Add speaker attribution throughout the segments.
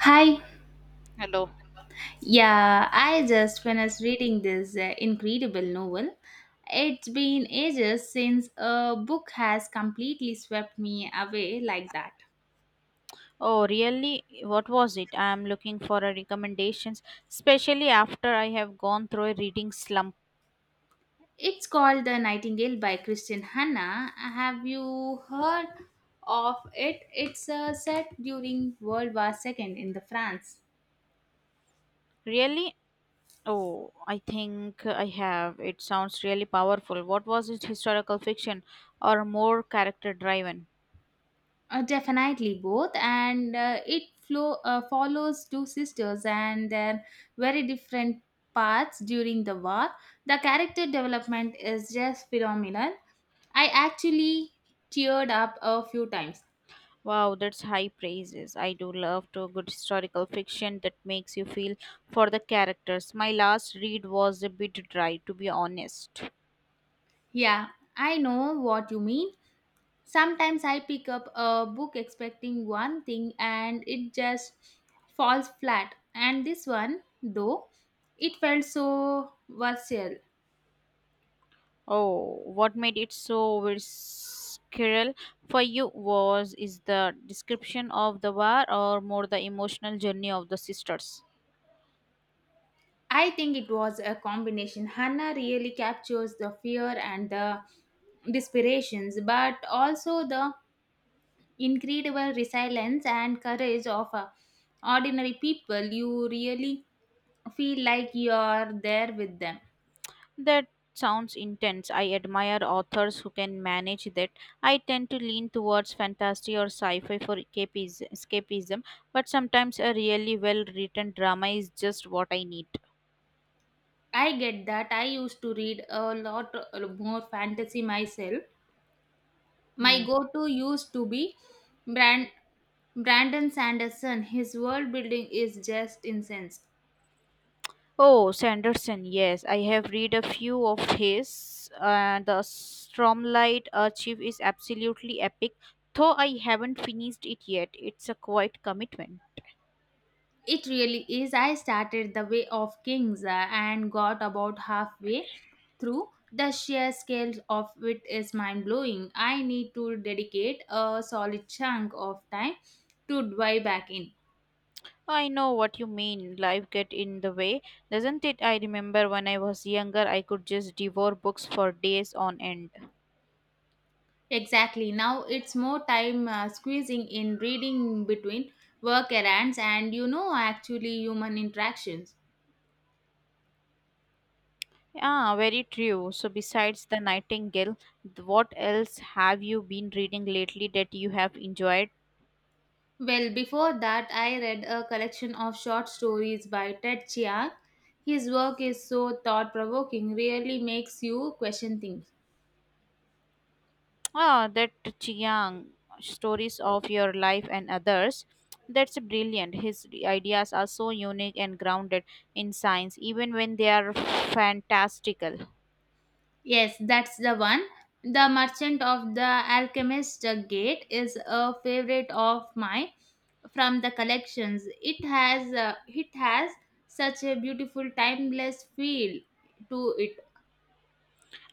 Speaker 1: Hi.
Speaker 2: Hello.
Speaker 1: Yeah, I just finished reading this incredible novel. It's been ages since a book has completely swept me away like that.
Speaker 2: Oh, really? What was it? I am looking for a recommendations, especially after I have gone through a reading slump.
Speaker 1: It's called The Nightingale by Christian Hanna. Have you heard of it? It's set during World War II in the France.
Speaker 2: Really? Oh, I think I have. It sounds really powerful. What was it? Historical fiction or more character driven?
Speaker 1: Definitely both, and it flow follows two sisters and their very different paths during the war. The character development is just phenomenal. I actually teared up a few times.
Speaker 2: Wow, that's high praises. I do love to a good historical fiction that makes you feel for the characters. My last read was a bit dry, to be honest.
Speaker 1: Yeah, I know what you mean. Sometimes I pick up a book expecting one thing and it just falls flat. And this one, though, it felt so versatile.
Speaker 2: Oh, what made it so visceral for you was is the description of the war or more the emotional journey of the sisters.
Speaker 1: I think it was a combination. Hannah really captures the fear and the desperations, but also the incredible resilience and courage of ordinary people. You really feel like you're there with them.
Speaker 2: That sounds intense. I admire authors who can manage that. I tend to lean towards fantasy or sci-fi for escapism, escapism but sometimes a really well-written drama is just what I need.
Speaker 1: I get that. I used to read a lot more fantasy myself. My
Speaker 2: Hmm.
Speaker 1: go to used to be Brand- Brandon Sanderson. His world building is just insane.
Speaker 2: Oh, Sanderson, yes, I have read a few of his. The Stormlight Archive is absolutely epic, though I haven't finished it yet. It's a quite commitment.
Speaker 1: It really is. I started The Way of Kings and got about halfway through. The sheer scale of it is mind blowing. I need to dedicate a solid chunk of time to dive back in.
Speaker 2: I know what you mean. Life get in the way, doesn't it? I remember when I was younger, I could just devour books for days on end.
Speaker 1: Exactly. Now it's more time squeezing in reading between work errands and actually human interactions.
Speaker 2: Ah, very true. So besides the Nightingale, what else have you been reading lately that you have enjoyed?
Speaker 1: Well, before that, I read a collection of short stories by Ted Chiang. His work is so thought provoking, really makes you question things.
Speaker 2: Ah, that Chiang stories of your life and others. That's brilliant. His ideas are so unique and grounded in science, even when they are fantastical.
Speaker 1: Yes, that's the one. The Merchant of the Alchemist Gate is a favorite of mine from the collections. It has such a beautiful timeless feel to it.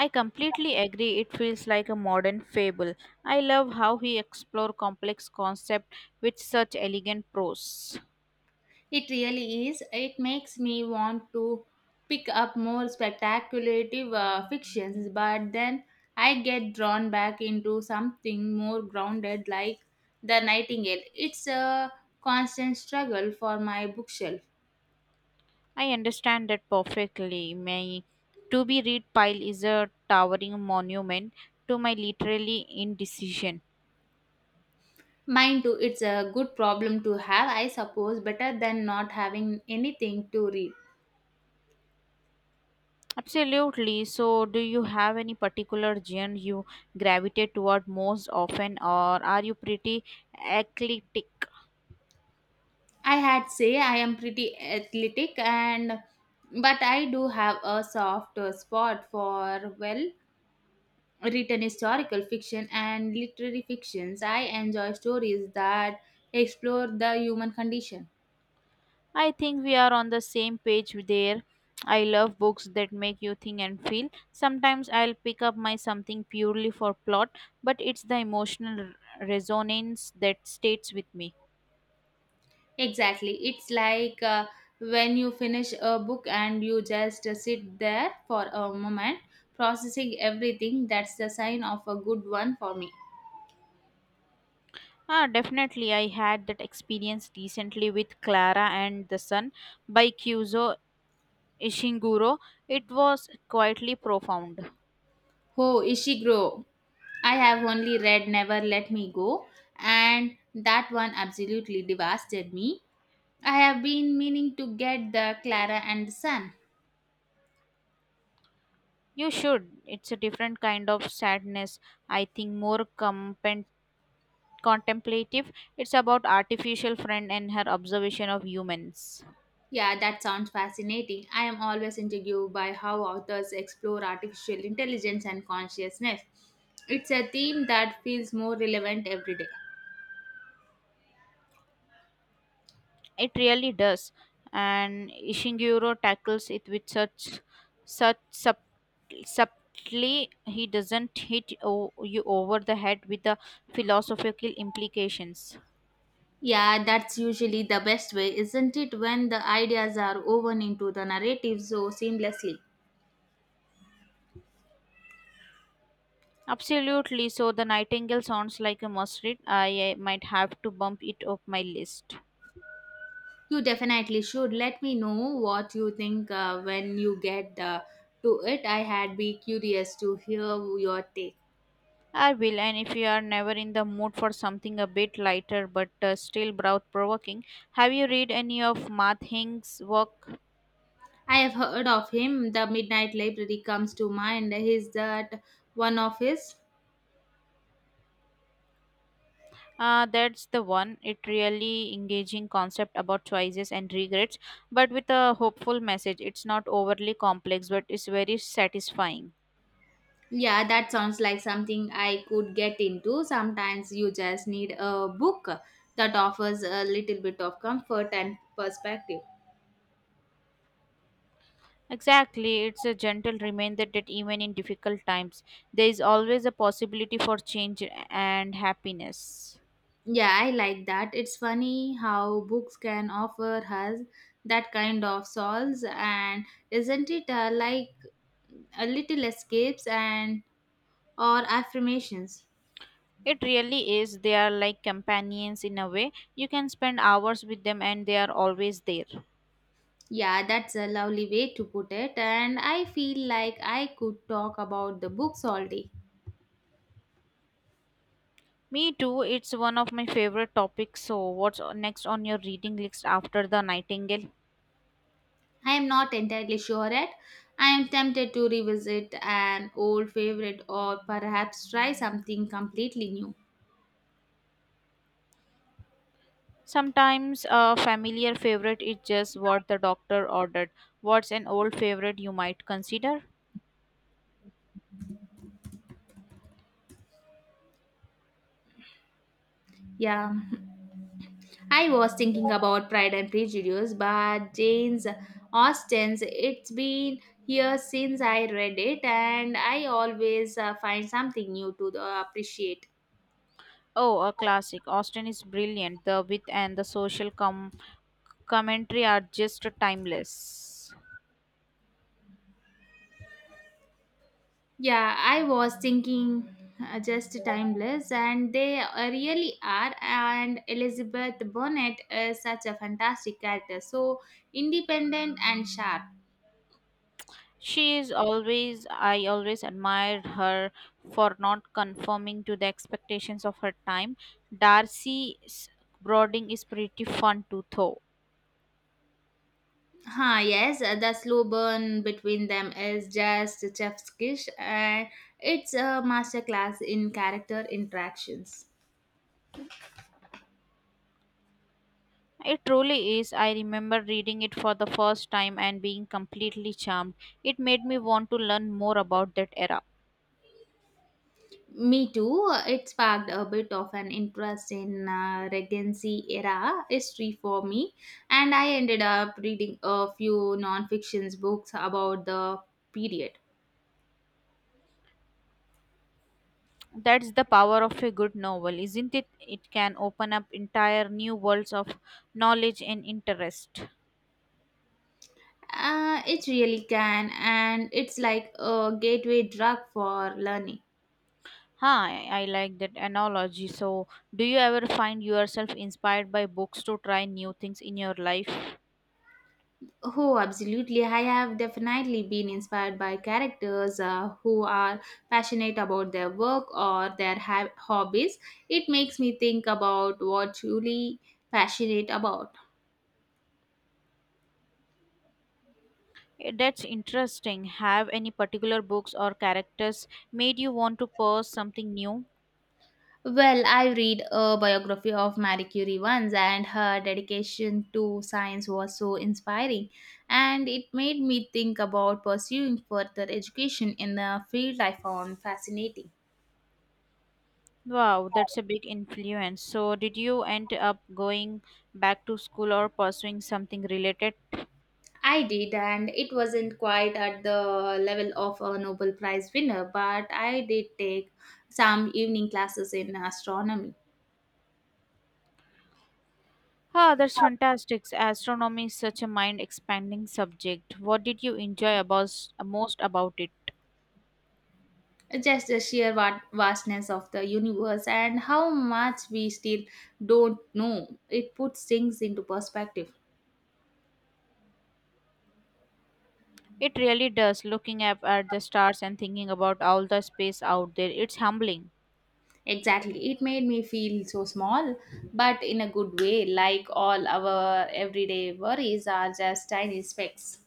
Speaker 2: I completely agree. It feels like a modern fable. I love how he explores complex concepts with such elegant prose.
Speaker 1: It really is. It makes me want to pick up more spectacular fictions, but then I get drawn back into something more grounded like The Nightingale. It's a constant struggle for my bookshelf.
Speaker 2: I understand that perfectly. My to be read pile is a towering monument to my literary indecision.
Speaker 1: Mine too, it's a good problem to have, I suppose, better than not having anything to read.
Speaker 2: Absolutely. So, do you have any particular genre you gravitate toward most often, or are you pretty eclectic?
Speaker 1: I had say I am pretty athletic and but I do have a soft spot for well written historical fiction and literary fictions. I enjoy stories that explore the human condition.
Speaker 2: I think we are on the same page there. I love books that make you think and feel. Sometimes I'll pick up my something purely for plot, but it's the emotional resonance that stays with me.
Speaker 1: Exactly. It's like when you finish a book and you just sit there for a moment processing everything. That's the sign of a good one for me.
Speaker 2: Ah, definitely. I had that experience recently with Clara and the Sun by Cuso Ishiguro, it was quietly profound.
Speaker 1: Oh, Ishiguro. I have only read Never Let Me Go, and that one absolutely devastated me. I have been meaning to get the Clara and the Sun.
Speaker 2: You should. It's a different kind of sadness, I think, more contemplative. It's about artificial friend and her observation of humans.
Speaker 1: Yeah, that sounds fascinating. I am always intrigued by how authors explore artificial intelligence and consciousness. It's a theme that feels more relevant every day.
Speaker 2: It really does. And Ishiguro tackles it with such subtly he doesn't hit you over the head with the philosophical implications.
Speaker 1: Yeah, that's usually the best way, isn't it, when the ideas are woven into the narrative so seamlessly?
Speaker 2: Absolutely. So the Nightingale sounds like a must read. I might have to bump it up my list.
Speaker 1: You definitely should let me know what you think when you get to it. I had be curious to hear your take.
Speaker 2: I will. And if you are never in the mood for something a bit lighter but still brow provoking, have you read any of Matt Hing's work?
Speaker 1: I have heard of him. The Midnight Library comes to mind. Is that one of his?
Speaker 2: That's the one. It really engaging concept about choices and regrets, but with a hopeful message. It's not overly complex, but it's very satisfying.
Speaker 1: Yeah, that sounds like something I could get into. Sometimes you just need a book that offers a little bit of comfort and perspective.
Speaker 2: Exactly, it's a gentle reminder that even in difficult times, there is always a possibility for change and happiness.
Speaker 1: Yeah, I like that. It's funny how books can offer us that kind of solace, and isn't it like a little escapes and or affirmations?
Speaker 2: It really is. They are like companions in a way. You can spend hours with them and they are always there.
Speaker 1: Yeah, that's a lovely way to put it, and I feel like I could talk about the books all day.
Speaker 2: Me too, it's one of my favorite topics. So, what's next on your reading list after The Nightingale?
Speaker 1: I am not entirely sure yet. I am tempted to revisit an old favorite or perhaps try something completely new.
Speaker 2: Sometimes a familiar favorite is just what the doctor ordered. What's an old favorite you might consider?
Speaker 1: Yeah, I was thinking about Pride and Prejudice, but Jane's Austen's it's been years since I read it, and I always find something new to appreciate.
Speaker 2: Oh, a classic. Austen is brilliant. The wit and the social commentary are just timeless.
Speaker 1: Yeah, I was thinking just timeless, and they really are. And Elizabeth Bonnet is such a fantastic character, so independent and sharp.
Speaker 2: She is always, I always admired her for not conforming to the expectations of her time. Darcy's Brooding is pretty fun too, though.
Speaker 1: Huh, yes, the slow burn between them is just chef's kiss, and it's a masterclass in character interactions.
Speaker 2: It truly is. I remember reading it for the first time and being completely charmed. It made me want to learn more about that era.
Speaker 1: Me too. It sparked a bit of an interest in Regency era history for me, and I ended up reading a few non-fiction books about the period.
Speaker 2: That's the power of a good novel, isn't it? It can open up entire new worlds of knowledge and interest.
Speaker 1: It really can, and it's like a gateway drug for learning.
Speaker 2: Huh, I like that analogy. So, do you ever find yourself inspired by books to try new things in your life?
Speaker 1: Oh, absolutely. I have definitely been inspired by characters who are passionate about their work or their hobbies. It makes me think about what truly passionate about.
Speaker 2: Eh, that's interesting. Have any particular books or characters made you want to pursue something new?
Speaker 1: Well, I read a biography of Marie Curie once, and her dedication to science was so inspiring. And it made me think about pursuing further education in a field I found fascinating.
Speaker 2: Wow, that's a big influence. So, did you end up going back to school or pursuing something related?
Speaker 1: I did, and it wasn't quite at the level of a Nobel Prize winner, but I did take some evening classes in astronomy.
Speaker 2: Ah, that's fantastic. Astronomy is such a mind expanding subject. What did you enjoy about, most about it?
Speaker 1: Just the sheer vastness of the universe and how much we still don't know. It puts things into perspective.
Speaker 2: It really does. Looking up at the stars and thinking about all the space out there, it's humbling.
Speaker 1: Exactly. It made me feel so small, but in a good way, like all our everyday worries are just tiny specks.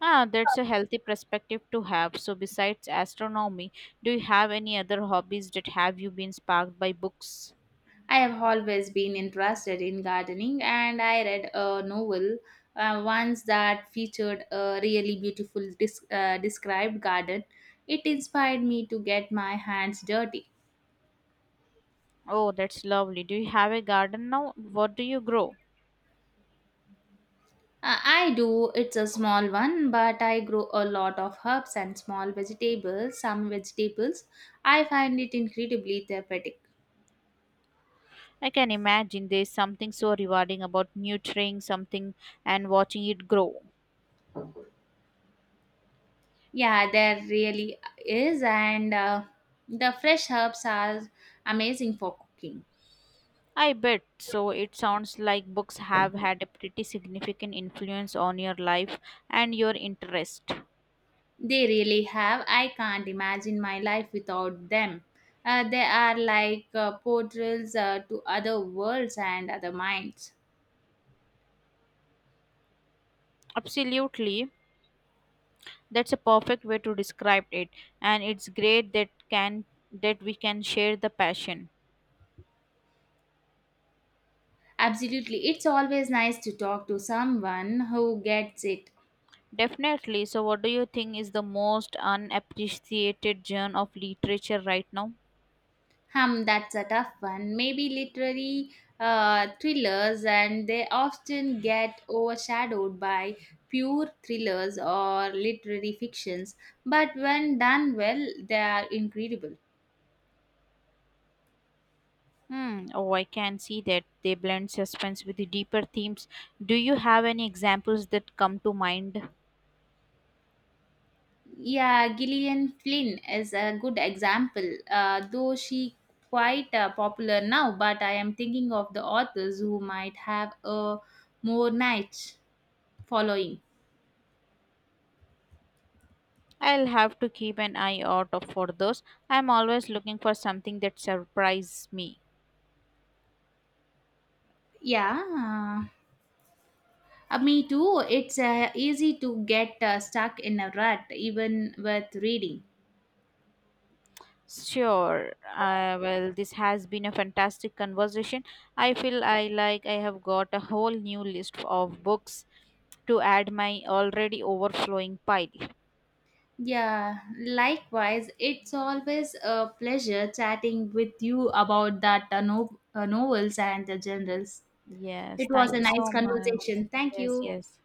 Speaker 2: Ah, that's a healthy perspective to have. So, besides astronomy, do you have any other hobbies that have you been sparked by books?
Speaker 1: I have always been interested in gardening, and I read a novel once that featured a really beautiful described garden. It inspired me to get my hands dirty.
Speaker 2: Oh, that's lovely. Do you have a garden now? What do you grow?
Speaker 1: I do. It's a small one, but I grow a lot of herbs and small vegetables. Some vegetables, I find it incredibly therapeutic.
Speaker 2: I can imagine there's something so rewarding about nurturing something and watching it grow.
Speaker 1: Yeah, there really is, and the fresh herbs are amazing for cooking.
Speaker 2: I bet. So it sounds like books have had a pretty significant influence on your life and your interest.
Speaker 1: They really have. I can't imagine my life without them. They are like portals to other worlds and other minds.
Speaker 2: Absolutely. That's a perfect way to describe it and it's great that can that we can share the passion.
Speaker 1: Absolutely. It's always nice to talk to someone who gets it.
Speaker 2: Definitely. So what do you think is the most unappreciated genre of literature right now?
Speaker 1: Hum, that's a tough one. Maybe literary thrillers, and they often get overshadowed by pure thrillers or literary fictions, but when done well, they are incredible.
Speaker 2: Hmm, oh, I can see that they blend suspense with the deeper themes. Do you have any examples that come to mind?
Speaker 1: Yeah, Gillian Flynn is a good example, though she quite popular now, but I am thinking of the authors who might have a more niche following.
Speaker 2: I'll have to keep an eye out for those. I'm always looking for something that surprises me.
Speaker 1: Yeah. Me too. It's easy to get stuck in a rut, even with reading.
Speaker 2: Sure. Well, this has been a fantastic conversation. I feel I like I have got a whole new list of books to add my already overflowing pile.
Speaker 1: Yeah, likewise, it's always a pleasure chatting with you about that novels and the generals.
Speaker 2: Yes,
Speaker 1: It was
Speaker 2: thank
Speaker 1: a
Speaker 2: you
Speaker 1: nice
Speaker 2: so much.
Speaker 1: conversation. Thank
Speaker 2: Yes,
Speaker 1: you.
Speaker 2: yes.